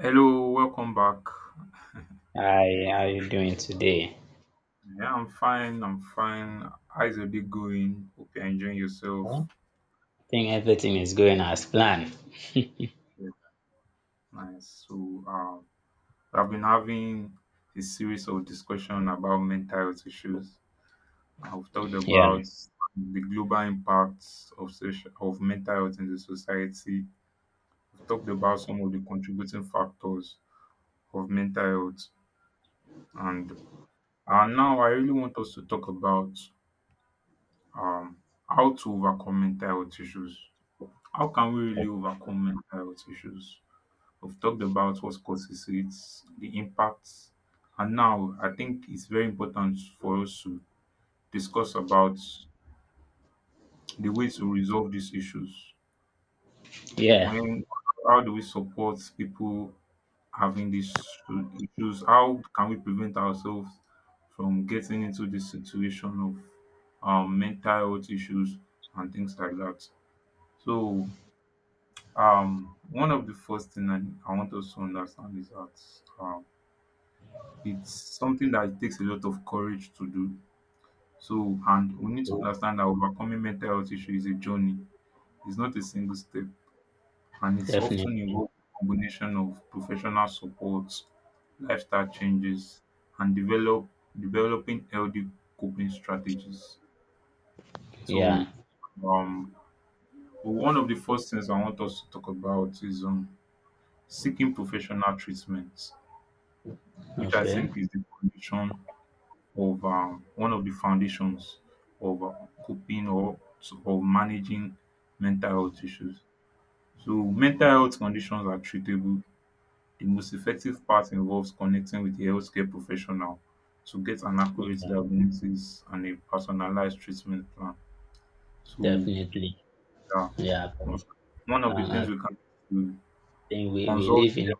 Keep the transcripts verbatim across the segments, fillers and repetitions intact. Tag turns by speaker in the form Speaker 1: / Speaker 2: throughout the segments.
Speaker 1: Hello, welcome back.
Speaker 2: Hi, how you doing today?
Speaker 1: Yeah, I'm fine. I'm fine. How's your day going? Hope you're enjoying yourself.
Speaker 2: Well, I think everything is going as planned.
Speaker 1: Yeah, nice. So, um, I've been having a series of discussion about mental health issues. I've talked
Speaker 2: Yeah,
Speaker 1: about the global impacts of social, of mental health in the society. I've talked about some of the contributing factors of mental health, and and now I really want us to talk about um how to overcome mental health issues. How can we really overcome mental health issues? We've talked about what causes it, the impacts, and now I think it's very important for us to discuss about the ways to resolve these issues.
Speaker 2: yeah,
Speaker 1: When, how do we support people having these issues? How can we prevent ourselves from getting into this situation of um, mental health issues and things like that? So um one of the first thing i, I want us to understand is that um, it's something that takes a lot of courage to do so, and we need to understand that overcoming mental health issue is a journey. It's not a single step, and it's often
Speaker 2: definitely.
Speaker 1: involves a combination of professional support, lifestyle changes, and develop developing healthy coping strategies. So
Speaker 2: Yeah,
Speaker 1: um one of the first things I want us to talk about is um seeking professional treatment, which I
Speaker 2: okay.
Speaker 1: think is the foundation of um, one of the foundations of uh, coping or of managing mental health issues. So, mental health conditions are treatable. The most effective part involves connecting with a healthcare professional to get an
Speaker 2: Yeah,
Speaker 1: accurate diagnosis and a personalized treatment plan. So,
Speaker 2: definitely.
Speaker 1: yeah,
Speaker 2: Yeah,
Speaker 1: one
Speaker 2: because
Speaker 1: one of the
Speaker 2: um,
Speaker 1: things
Speaker 2: I
Speaker 1: we can do,
Speaker 2: think we, we
Speaker 1: consult.
Speaker 2: live in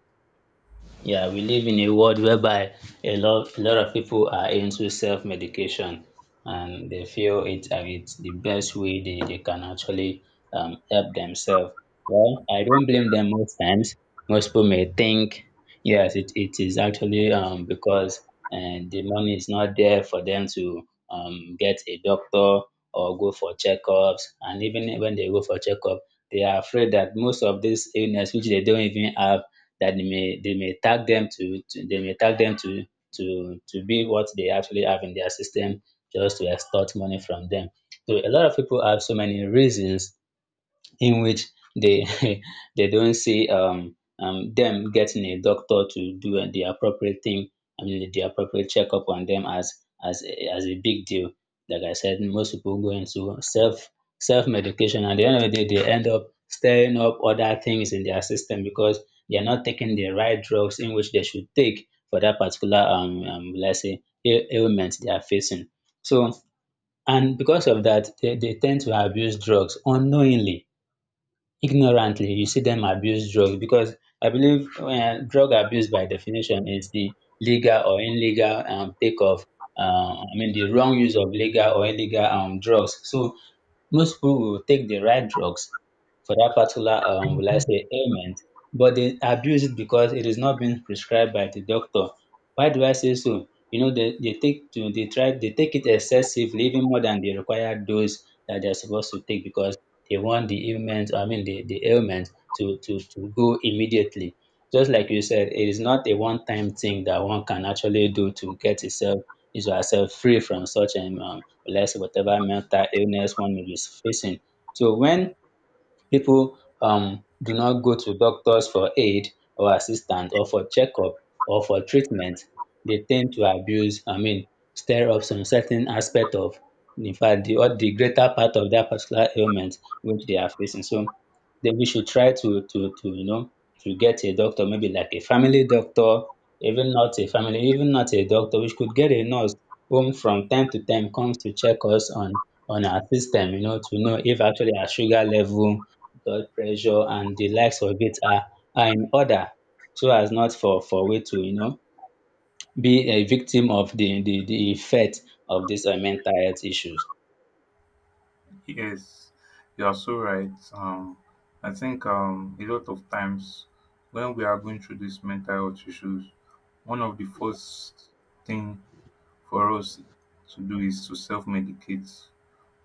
Speaker 2: Yeah, we live in a world whereby a lot a lot of people are into self-medication, and they feel it uh, it's the best way they, they can actually um, help themselves. Well, I don't blame them most times. Most people may think, yes, it, it is actually um, because uh, the money is not there for them to um, get a doctor or go for checkups. And even when they go for checkup, they are afraid that most of this illness, which they don't even have, that they may they may tag them to, to they may tag them to to to be what they actually have in their system, just to extort money from them. So a lot of people have so many reasons in which they they don't see um, um, them getting a doctor to do the appropriate thing, I mean the appropriate checkup on them as as a, as a big deal. Like I said, most people go into self self medication, and at the end of the day, they end up stirring up other things in their system because they are not taking the right drugs in which they should take for that particular um, um let's say ail- ailment they are facing. So and because of that, they, they tend to abuse drugs unknowingly, ignorantly. You see them abuse drugs because I believe um drug abuse by definition is the legal or illegal um take of um, I mean the wrong use of legal or illegal um drugs. So most people will take the right drugs for that particular, um, will I say, ailment, but they abuse it because it is not being prescribed by the doctor. Why do I say so? You know, they, they take to they try they take it excessively, even more than the required dose that they're supposed to take because they want the ailment, I mean the, the ailment to, to, to go immediately. Just like you said, it is not a one-time thing that one can actually do to get itself is ourselves free from such um um let's say whatever mental illness one may be facing. So when people um do not go to doctors for aid or assistance or for checkup or for treatment, they tend to abuse, I mean stir up some certain aspect of, in fact, the all the greater part of that particular ailment which they are facing. So then we should try to to to you know, to get a doctor, maybe like a family doctor, even not a family, even not a doctor, which could get a nurse whom from time to time comes to check us on on our system, you know, to know if actually our sugar level, blood pressure and the likes of it are are in order, so as not for for we to, you know, be a victim of the the, the effect of these uh, mental health issues.
Speaker 1: Yes, you are so right. Um, I think um, a lot of times when we are going through these mental health issues, one of the first thing for us to do is to self-medicate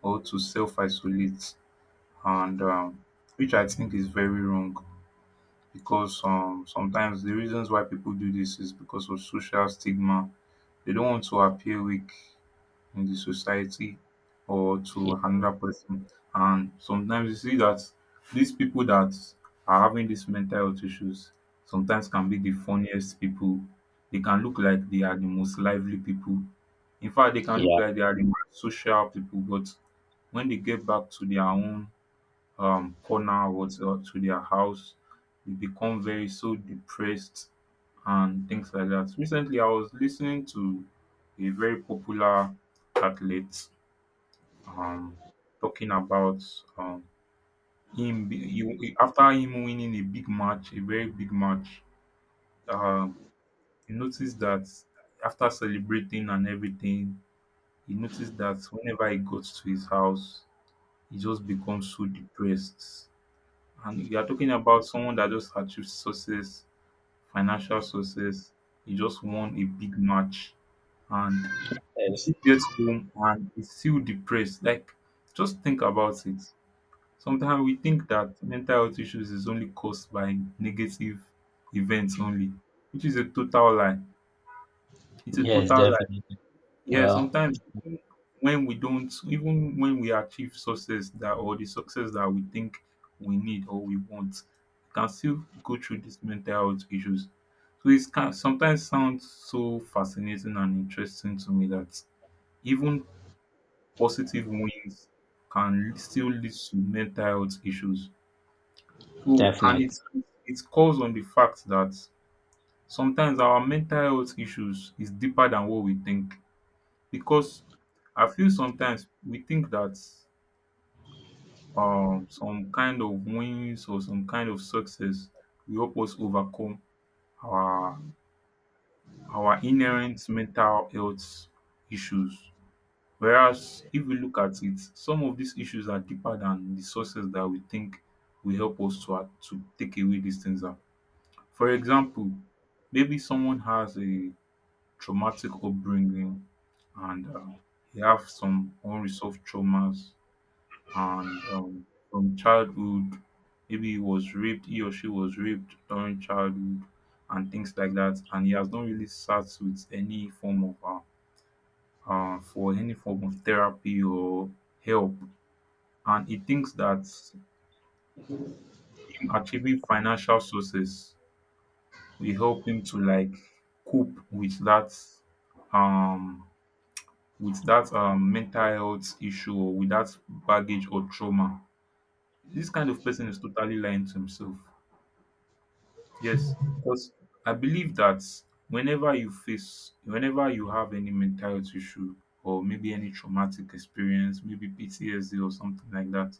Speaker 1: or to self-isolate, and um, which I think is very wrong because um, sometimes the reasons why people do this is because of social stigma. They don't want to appear weak in the society or to
Speaker 2: Yeah.
Speaker 1: another person. And sometimes you see that these people that are having these mental health issues sometimes can be the funniest people. They can look like they are the most lively people. In fact, they can look
Speaker 2: Yeah,
Speaker 1: like they are the most social people, but when they get back to their own um corner or to to their house, they become very so depressed and things like that. Recently, I was listening to a very popular athlete, um, talking about um, him be- he- he- after him winning a big match, a very big match. Um, he noticed that after celebrating and everything, he noticed that whenever he got to his house, he just becomes so depressed. And you are talking about someone that just achieved success, financial success. He just won a big match, and he
Speaker 2: yes.
Speaker 1: still gets home and he's still depressed. Like, just think about it. Sometimes we think that mental health issues is only caused by negative events only, which is a total lie. It's a
Speaker 2: Yes,
Speaker 1: total lie.
Speaker 2: definitely.
Speaker 1: Yeah,
Speaker 2: Well,
Speaker 1: sometimes even when we don't, even when we achieve success that or the success that we think we need or we want, we can still go through these mental health issues. So it's can sometimes sounds so fascinating and interesting to me that even positive wins can still lead to mental health issues. So and
Speaker 2: definitely.
Speaker 1: it's it calls on the fact that sometimes our mental health issues is deeper than what we think because I feel sometimes we think that um, some kind of wins or some kind of success will help us overcome our our inherent mental health issues. Whereas if we look at it, some of these issues are deeper than the sources that we think will help us to a- to take away these things. Out. For example, maybe someone has a traumatic upbringing and uh, they have some unresolved traumas and um, from childhood, maybe he was raped he or she was raped during childhood and things like that, and he has not really sat with any form of uh, uh for any form of therapy or help, and he thinks that him achieving financial success will help him to like cope with that um with that, um, mental health issue, or with that baggage or trauma. This kind of person is totally lying to himself. Yes, because I believe that whenever you face, whenever you have any mental health issue or maybe any traumatic experience, maybe P T S D or something like that,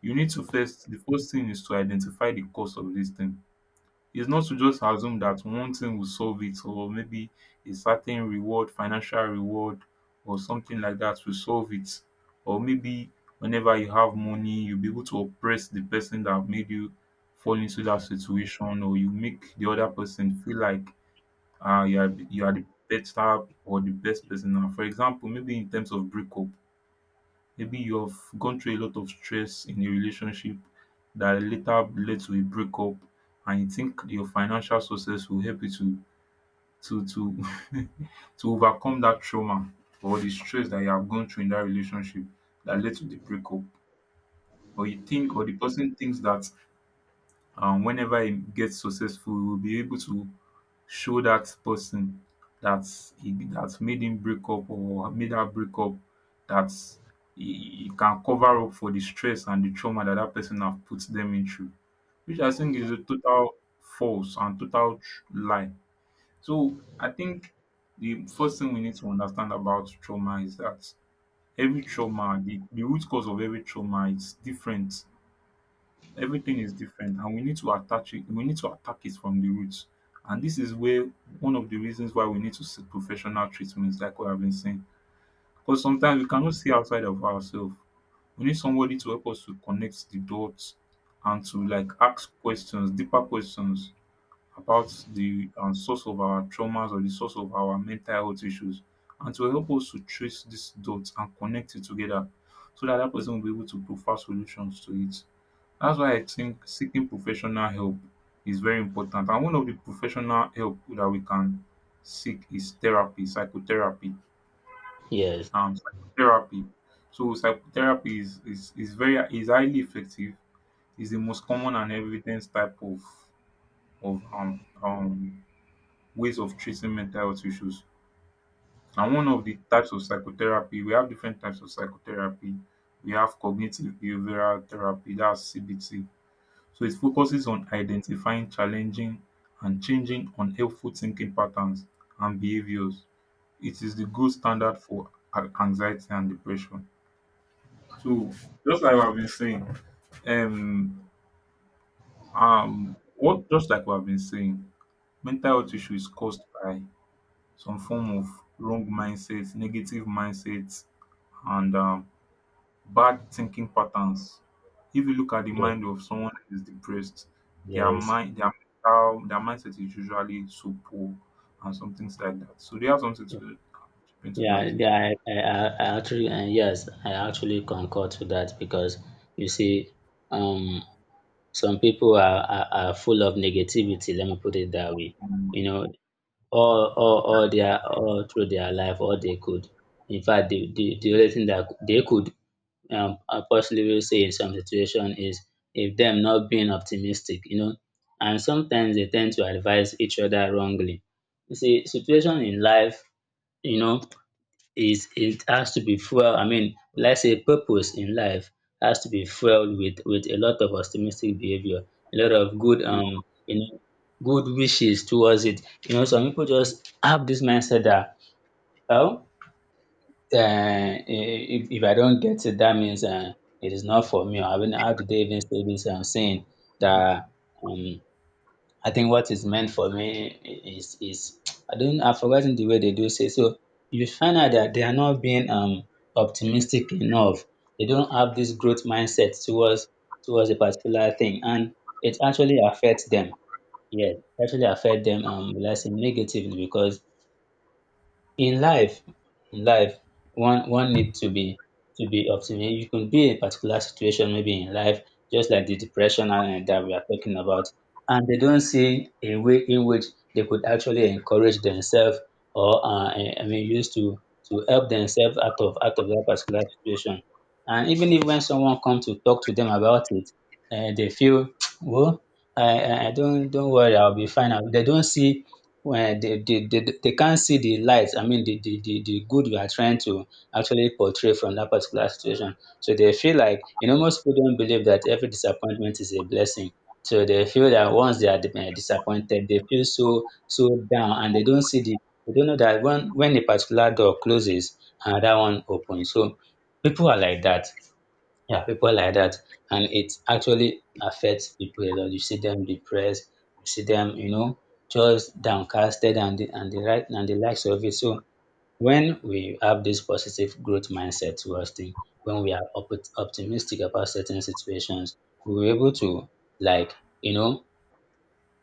Speaker 1: you need to first, the first thing is to identify the cause of this thing. It's not to just assume that one thing will solve it, or maybe a certain reward, financial reward or something like that will solve it. Or maybe whenever you have money, you'll be able to oppress the person that made you fall into that situation, or you make the other person feel like uh, you, are, you are the better or the best person. Now, for example, maybe in terms of breakup, maybe you've gone through a lot of stress in a relationship that later led to a breakup, and you think your financial success will help you to to to to overcome that trauma or the stress that you have gone through in that relationship that led to the breakup. Or you think, or the person thinks that um whenever e gets successful, we will be able to show dat pesin dat, that made him break up or made her break up dat he he can cover up for the stress and the trauma that that person have put them in through, which I think is a total false and total tr- lie. So I think the first thing we need to understand about trauma is that every trauma, the the root cause of every trauma is different. Everything is different, and we need to attach it we need to attack it from the roots. And this is where one of the reasons why we need to seek professional treatments, like what I've been saying, because sometimes we cannot see outside of ourselves. We need somebody to help us to connect the dots and to like ask questions, deeper questions about the, um, source of our traumas or the source of our mental health issues, and to help us to trace these dots and connect it together so that that person will be able to provide solutions to it. That's why I think seeking professional help is very important. And one of the professional help that we can seek is therapy, psychotherapy,
Speaker 2: Yes.
Speaker 1: um, psychotherapy. So psychotherapy is is, is very, is highly effective. Is the most common and evidence type of of um um ways of treating mental health issues. And one of the types of psychotherapy, we have different types of psychotherapy. We have cognitive behavioral therapy, that's C B T. So it focuses on identifying, challenging and changing unhelpful thinking patterns and behaviors. It is the gold standard for a- anxiety and depression. So just like I've been saying, um, um, what just like we've been saying, mental health issue is caused by some form of wrong mindset, negative mindset, and um, bad thinking patterns. If you look at the mind
Speaker 2: Yes,
Speaker 1: of someone that is depressed, their
Speaker 2: yes.
Speaker 1: mind their mental, their mindset is usually so poor, and some things like that, so they have something to chip into
Speaker 2: Yeah,
Speaker 1: that.
Speaker 2: yeah, I, I, I I actually, and yes, I actually concur to that because you see, um, some people are, are, are full of negativity, let me put it that way.
Speaker 1: um,
Speaker 2: You know, all all all their all through their life, all they could, in fact the the, the only thing that they could um uh, possibly say in some situation is if them not being optimistic, you know, and sometimes they tend to advise each other wrongly. You see situation in life, you know, is it has to be fueled. I mean, let's say purpose in life has to be fueled with with a lot of optimistic behavior, a lot of good
Speaker 1: yeah,
Speaker 2: um, you know, good wishes towards it. You know, some people just have this mindset that well, uh, i- if if I don't get it, that means uh, it is not for me. I mean, how do they even say this? I'm saying that um, I think what is meant for me is is I don't, I've forgotten the way they do say. So you find out that they are not being um optimistic enough. They don't have this growth mindset towards towards a particular thing, and it actually affects them. Yeah, it actually affect them um, let's say negatively, because in life in life one one need to be to be optimistic. You could be in a particular situation maybe in life, just like the depression and that we are talking about, and they don't see a way in which they could actually encourage themselves or um, I I mean use to to help themselves out of out of that particular situation. And even if when someone comes to talk to them about it, um they feel um, I I I don't, don't worry, I will be fine. They don't see when they they they they can't see the light, I mean the the the the good you are trying to actually portray from that particular situation. So they feel like, you know, most people don't believe that every disappointment is a blessing. So they feel that once they are di- disappointed, they feel so so down, and they don't see the, they don't know that when when a particular door closes, another one opens. So people are like that. Yeah, people like that. And it actually affects people a lot. You see them depressed, you see them, you know, just downcasted and the, and the right, and the likes of it. So when we have this positive growth mindset towards things, when we are op- optimistic about certain situations, we were able to, like, you know,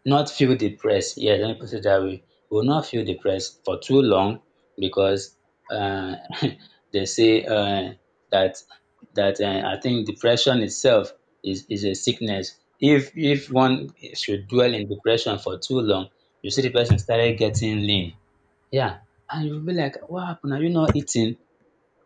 Speaker 2: not feel depressed. Yeah, let me put it that way. We will not feel depressed for too long because uh, they say uh, that that uh, I think depression itself is, is a sickness. If if one should dwell in depression for too long, you see the person started getting lean. Yeah, and you'll be like, what happened? Are you not eating?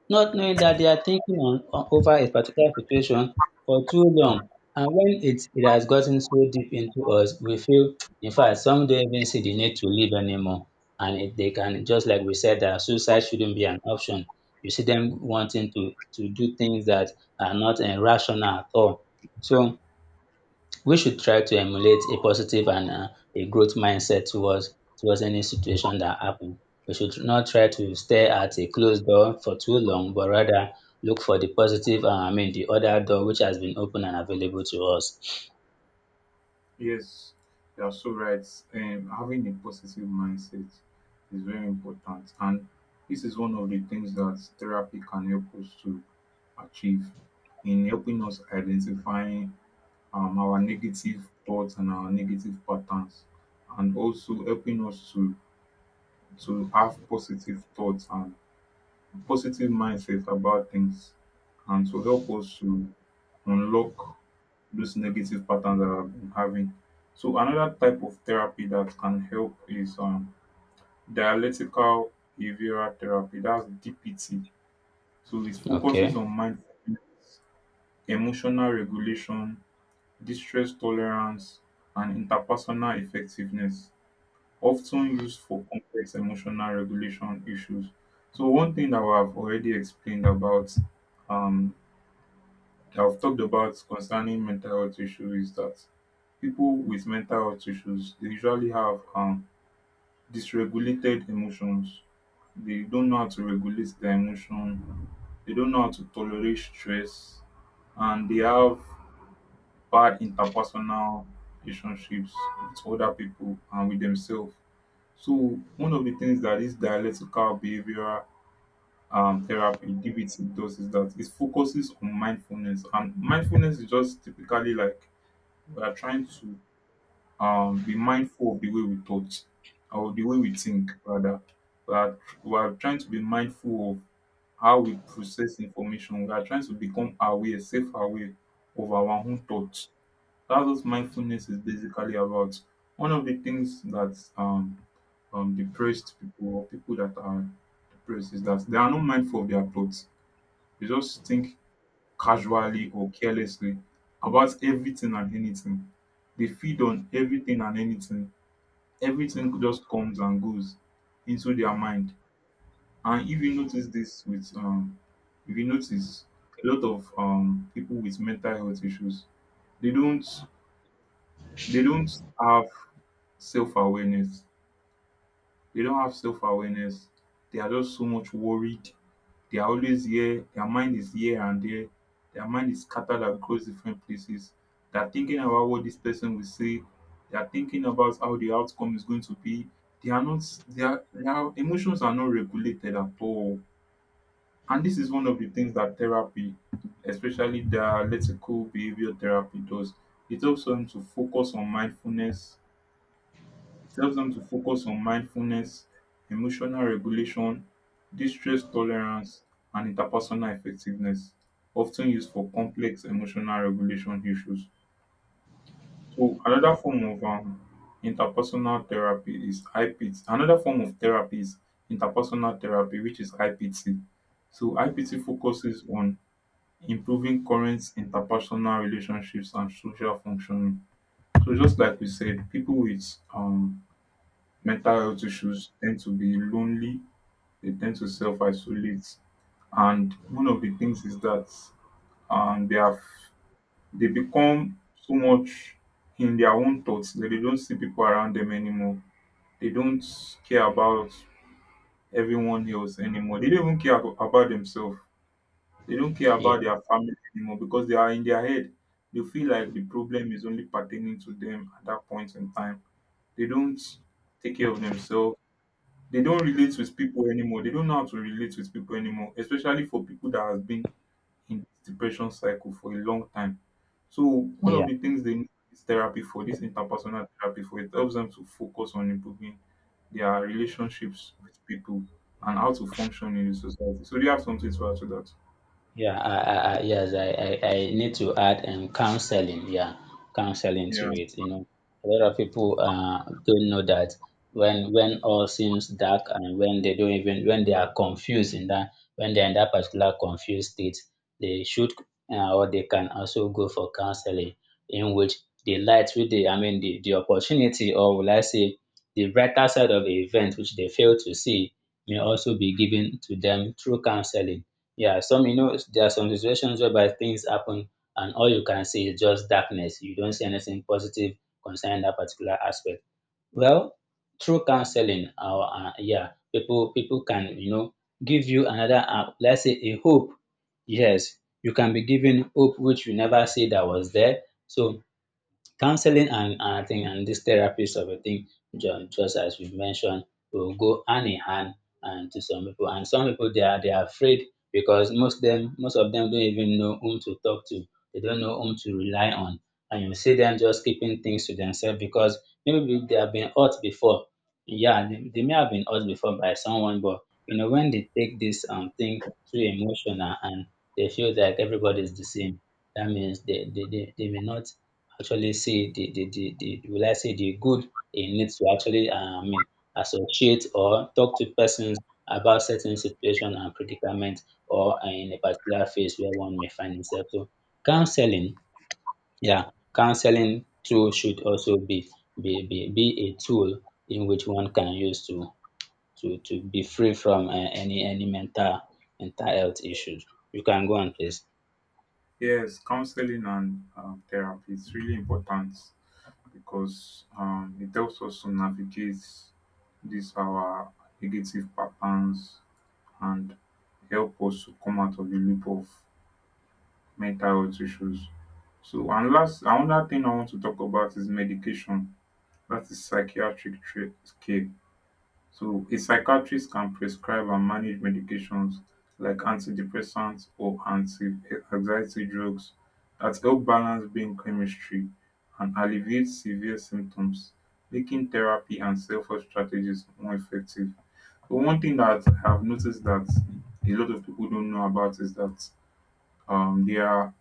Speaker 2: Not knowing that they are thinking on, on over a particular situation for too long. And when it, it has gotten so deep into us, we feel, in fact, some don't even see the need to live anymore. And if they can, just like we said, that suicide shouldn't be an option. You see them wanting to, to do things that are not uh, rational at all. So we should try to emulate a positive and uh, a growth mindset towards towards any situation that happen. We should not try to stare at a closed door for too long, but rather look for the positive, uh, I mean the other door which has been open and available to us.
Speaker 1: yes you are so right. um, having a positive mindset is very important, and this is one of the things that therapy can help us to achieve in helping us identifying um our negative thoughts and our negative patterns, and also helping us to to have positive thoughts and positive mindset about things, and to help us to unlock those negative patterns that I've been having. So another type of therapy that can help is um, dialectical behavioral therapy. That's D P T. So it focuses
Speaker 2: Okay.
Speaker 1: on mindfulness, emotional regulation, distress tolerance, and interpersonal effectiveness, often used for complex emotional regulation issues. So one thing that I've already explained about, um that I've talked about concerning mental health issues, is that people with mental health issues, they usually have um dysregulated emotions. They don't know how to regulate their emotion. They don't know how to tolerate stress, and they have bad interpersonal relationships with other people and with themselves. So one of the things that this dialectical behavioural, um therapy, D B T, does is that it focuses on mindfulness. And mindfulness is just typically like we are trying to um be mindful of the way we thought, or the way we think rather. We are we are trying to be mindful of how we process information. We are trying to become aware, self aware, of our own thoughts. That's what mindfulness is basically about. One of the things that um, um, depressed people or people that are depressed is that they are not mindful of their thoughts. They just think casually or carelessly about everything and anything. They feed on everything and anything. Everything just comes and goes into their mind. And if you notice this with, um, if you notice, a lot of um, people with mental health issues, they don't, they don't have self-awareness. They don't have self-awareness. They are just so much worried. They are always here. Their mind is here and there. Their mind is scattered across different places. They are thinking about what this person will say. They are thinking about how the outcome is going to be. They are not. They are, their emotions are not regulated at all. And this is one of the things that therapy, especially dialectical behavior therapy, does. It helps them to focus on mindfulness. It helps them to focus on mindfulness, emotional regulation, distress tolerance, and interpersonal effectiveness, often used for complex emotional regulation issues. So, another form of um, interpersonal therapy is I P T. Another form of therapy is interpersonal therapy, which is I P T. So, I P T focuses on improving current interpersonal relationships and social functioning. So, just like we said, people with um, mental health issues tend to be lonely, they tend to self isolate. And one of the things is that um, they have they become so much in their own thoughts that they don't see people around them anymore. They don't care about everyone else anymore. They don't even care abo- about themselves. They don't care
Speaker 2: Yeah.
Speaker 1: about their family anymore because they are in their head. They feel like the problem is only pertaining to them at that point in time. They don't take care of themselves, they don't relate with people anymore. They don't know how to relate with people anymore, especially for people that has been in this depression cycle for a long time. So one of
Speaker 2: Yeah.
Speaker 1: the things they need is therapy for this, interpersonal therapy, for it helps them to focus on improving their relationships with people and how to function in the society. So do you have something to add to that?
Speaker 2: Yeah, I, I, I yes, I, I, I need to add um counseling, yeah, counseling to
Speaker 1: Yeah.
Speaker 2: it. You know, a lot of people uh don't know that when when all seems dark and when they don't even, when they are confused in that, when they're in that particular confused state, they should uh, or they can also go for counseling, in which the light with the, I mean the, the opportunity, or will I say the brighter side of the event which they fail to see, may also be given to them through counseling. Yeah, some, you know, there are some situations whereby things happen and all you can see is just darkness. You don't see anything positive concerning that particular aspect. Well, through counseling, our uh, yeah, people people can, you know, give you another uh, let's say, a hope. Yes, you can be given hope which you never see that was there. So counseling and and I think, and this therapies of a thing, ju- just as we mentioned, will go hand in hand and to some people. And some people they are they are afraid because most them most of them don't even know whom to talk to. They don't know whom to rely on. And you see them just keeping things to themselves because maybe they have been hurt before. Yeah, they, they may have been hurt before by someone, but you know, when they take this um thing too emotional and they feel like everybody's the same, that means they, they, they, they may not actually see the the the the, will I say, the good in it to actually um, I mean associate or talk to persons about certain situation and predicament, or uh, in a particular phase where one may find himself. So counseling, yeah, counseling too should also be be be, be a tool in which one can use to to to be free from uh, any any mental mental health issues. You can go on please.
Speaker 1: Yes, counseling and um, therapy is really important because um, it helps us to navigate these our negative patterns and help us to come out of the loop of mental health issues. So, and last, another thing I want to talk about is medication. That is psychiatric tra- care. So a psychiatrist can prescribe and manage medications like antidepressants or anti-anxiety drugs that help balance brain chemistry and alleviate severe symptoms, making therapy and self-help strategies more effective. But one thing that I have noticed that a lot of people don't know about is that um, there are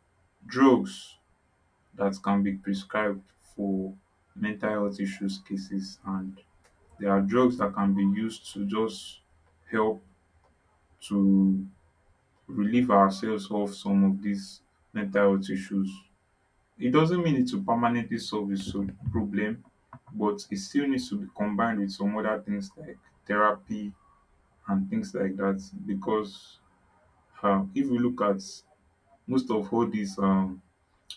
Speaker 1: drugs that can be prescribed for mental health issues cases, and there are drugs that can be used to just help to relieve ourselves of some of these mental health issues. It doesn't mean it to permanently solve the so- problem, but it still needs to be combined with some other things like therapy and things like that. Because uh, if we look at most of all these um,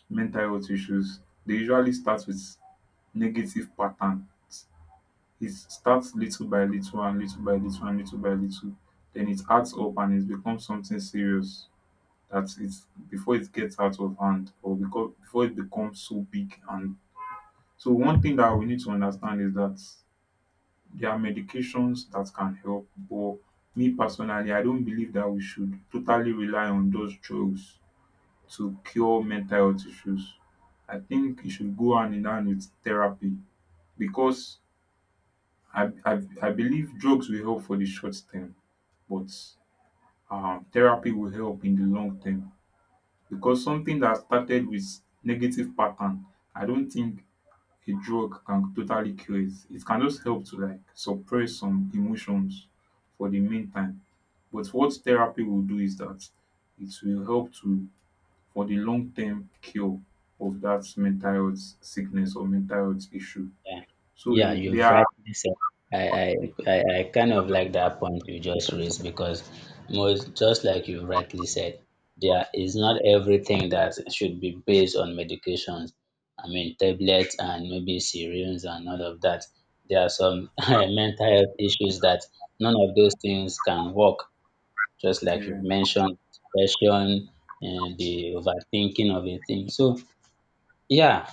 Speaker 1: mental health issues, they usually start with negative patterns. It starts little by little and little by little and little by little, then it adds up and it becomes something serious that it's before it gets out of hand or becau- before it becomes so big. And so one thing that we need to understand is that there are medications that can help, but me personally, I don't believe that we should totally rely on those drugs to cure mental health issues. I think it should go hand in hand with therapy because I, I, I believe drugs will help for the short term, but um, therapy will help in the long term because something that started with negative pattern, I don't think a drug can totally cure it. It can just help to like suppress some emotions for the meantime. But what therapy will do is that it will help to, for the long term, cure of that mental health sickness or mental health issue.
Speaker 2: Yeah,
Speaker 1: So
Speaker 2: yeah,
Speaker 1: they
Speaker 2: you've
Speaker 1: are,
Speaker 2: rightly said. I, I, I, I kind of like that point you just raised because most, just like you rightly said, there is not everything that should be based on medications. I mean, tablets and maybe syringes and all of that. There are some mental health issues that none of those things can work. Just like you
Speaker 1: yeah.
Speaker 2: mentioned, depression and the overthinking of a thing. So, yeah,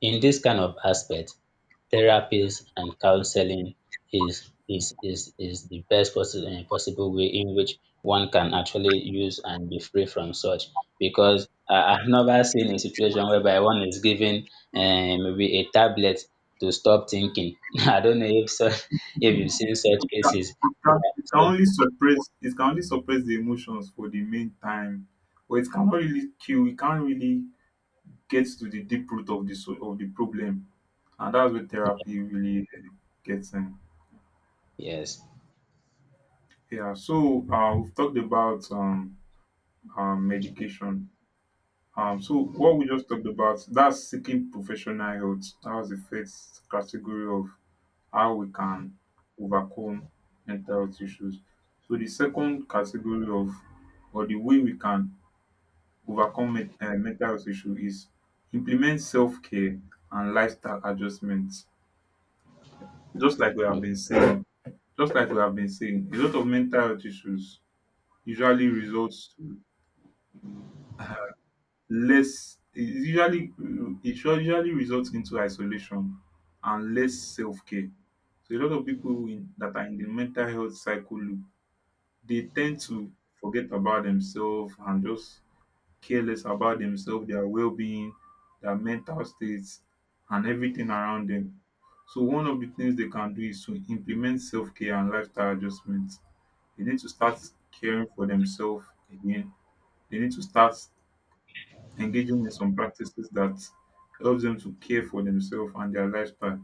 Speaker 2: in this kind of aspect, therapies and counseling is is is is the best possi- eh, possible way in which one can actually use and be free from such. Because I, I've never seen a situation whereby one is given eh, maybe a tablet to stop thinking. I don't know if so, if you've seen such
Speaker 1: Can,
Speaker 2: cases.
Speaker 1: it
Speaker 2: Yeah,
Speaker 1: can it can
Speaker 2: so,
Speaker 1: only suppress, it can only suppress the emotions for the meantime, but it cannot really kill, it can't really get to the deep root of the so- of the problem, and that's where therapy really eh, gets in.
Speaker 2: yes.
Speaker 1: Yeah, so uh, we've talked about um, um medication. Um so what we just talked about, that's seeking professional help, that was the first category of how we can overcome mental health issues. So the second category of or the way we can overcome men- eh, mental health issue is implement self-care and lifestyle adjustments. Just like we have
Speaker 2: Mm,
Speaker 1: been saying, just like we have been saying, a lot of mental health issues usually results, less it usually, it sure, usually results into isolation and less self-care. So a lot of people in, that are in the mental health cycle loop, they tend to forget about themselves and just care less about themselves, their well-being, their mental states, and everything around them. So one of the things they can do is to implement self-care and lifestyle adjustments. They need to start caring for themselves again. They need to start engaging in some practices that helps them to care for themselves and their lifestyle.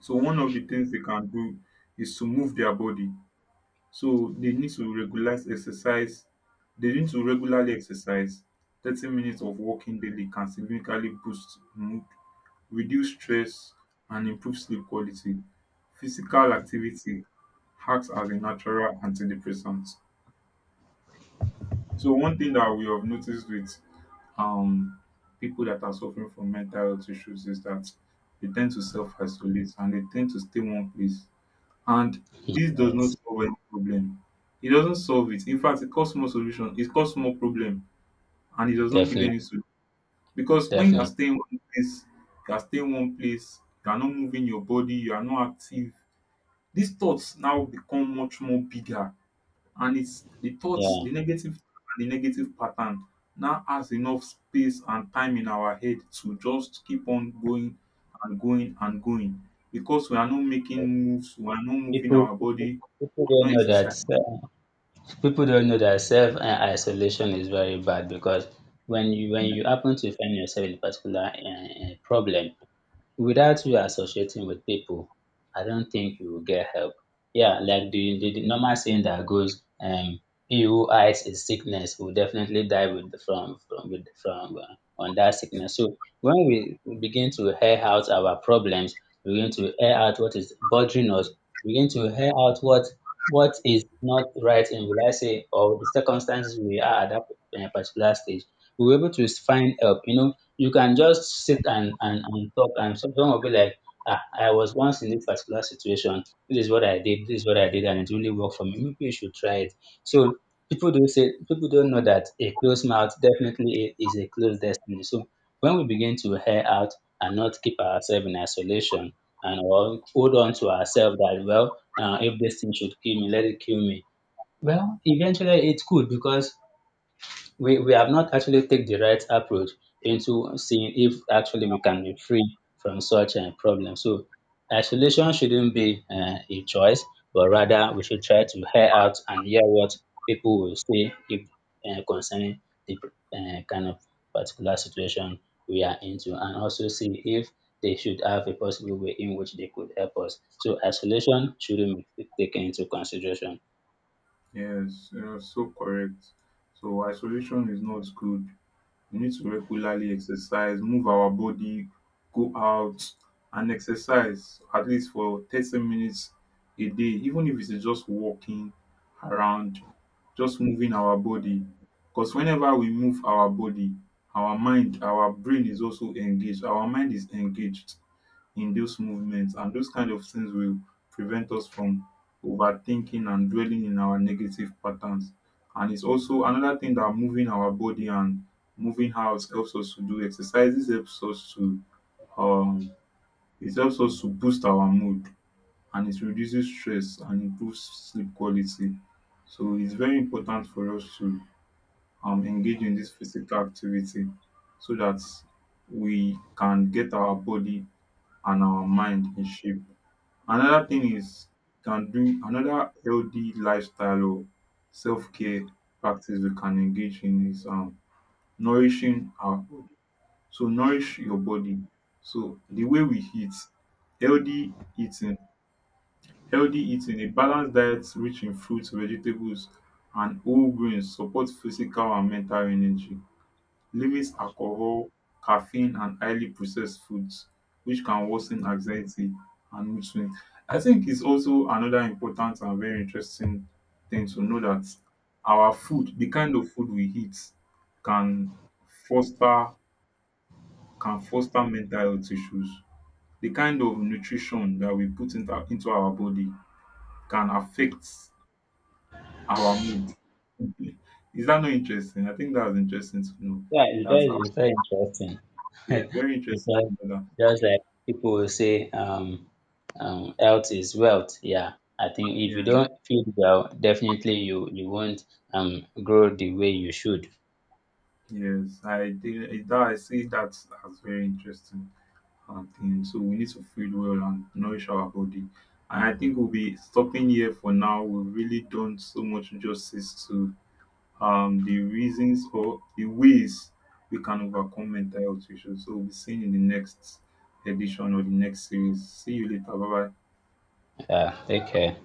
Speaker 1: So one of the things they can do is to move their body. So they need to regularize exercise. They need to regularly exercise. thirty minutes of walking daily can significantly boost mood, reduce stress, and improve sleep quality. Physical activity acts as a natural antidepressant. So one thing that we have noticed with um people that are suffering from mental health issues is that they tend to self-isolate and they tend to stay one place, and this does not
Speaker 2: yes,
Speaker 1: solve any problem. It doesn't solve it. In fact, it causes more solution. It causes more problem, and it does not give
Speaker 2: definitely,
Speaker 1: any solution. Because when you are
Speaker 2: definitely.
Speaker 1: staying one place, you are staying one place. You are not moving your body. You are not active. These thoughts now become much more bigger, and it's the thoughts,
Speaker 2: Yeah,
Speaker 1: the negative, the negative pattern now has enough space and time in our head to just keep on going and going and going because we are not making moves. We are not moving
Speaker 2: people
Speaker 1: our
Speaker 2: people,
Speaker 1: body,
Speaker 2: people don't
Speaker 1: no
Speaker 2: know that.
Speaker 1: exercise.
Speaker 2: Uh, people don't know that self um isolation is very bad, because when you when you happen to find yourself in a particular um problem, without you associating with people, I don't think you will get help. Yeah, like the, the, the normal saying that goes, um, he who hides his sickness will definitely die with from from with from uh, on that sickness. So when we begin to air out our problems, we begin to air out what is bothering us, we begin to air out what what is not right in, will I say, or the circumstances we are at that uh, particular stage, we will able to find help. You know, you can just sit and and and talk, and some- someone will be like, "Ah, I was once in this particular situation. This is what I did. This is what I did, and it really worked for me. Maybe you should try it." So people don't say people don't know that a closed mouth definitely is a closed destiny. So when we begin to hear out and not keep ourselves in isolation and or hold on to ourselves that well, uh, if this thing should kill me, let it kill me. Well, eventually it could, because we, we have not actually take the right approach into seeing if actually we can be free from such a problem. So isolation shouldn't be uh, a choice, but rather we should try to hear out and hear what people will say if uh, concerning the uh, kind of particular situation we are into, and also see if they should have a possible way in which they could help us. So isolation shouldn't be taken into consideration.
Speaker 1: Yes, you're so correct. So isolation is not good. We need to regularly exercise, move our body, go out and exercise at least for thirty minutes a day, even if it's just walking around, just moving our body. Because whenever we move our body, our mind, our brain is also engaged. Our mind is engaged in those movements, and those kind of things will prevent us from overthinking and dwelling in our negative patterns. And it's also another thing that moving our body and moving house helps us to do exercises, helps us to um it helps us to boost our mood, and it reduces stress and improves sleep quality. So it's very important for us to um, engage in this physical activity so that we can get our body and our mind in shape. Another thing is, can do another healthy lifestyle or self-care practice we can engage in is um nourishing our body. So nourish your body. So the way we eat, healthy eating, healthy eating, a balanced diet rich in fruits, vegetables, and whole grains support physical and mental energy. Limits alcohol, caffeine, and highly processed foods, which can worsen anxiety and mood swings. I think it's also another important and very interesting thing to know that our food, the kind of food we eat can foster, can foster mental health issues. The kind of nutrition that we put into, into our body can affect our mood. Is that not interesting? I think that's interesting to know.
Speaker 2: Yeah, it-
Speaker 1: That's how,
Speaker 2: that is very interesting
Speaker 1: yeah, very interesting
Speaker 2: because
Speaker 1: to know that.
Speaker 2: just like people will say, um, um, health is wealth. Yeah, I think if you
Speaker 1: Yeah.
Speaker 2: don't feel well, definitely you you won't um grow the way you should.
Speaker 1: Yes, I did. it- That I see that as very interesting um, thing. So we need to feed well and nourish our body. And I think we'll be stopping here for now. We've really done so much justice to um, the reasons or the ways we can overcome mental health issues. So we'll be seeing in the next edition or the next series. See you later. Bye bye.
Speaker 2: Yeah, take care.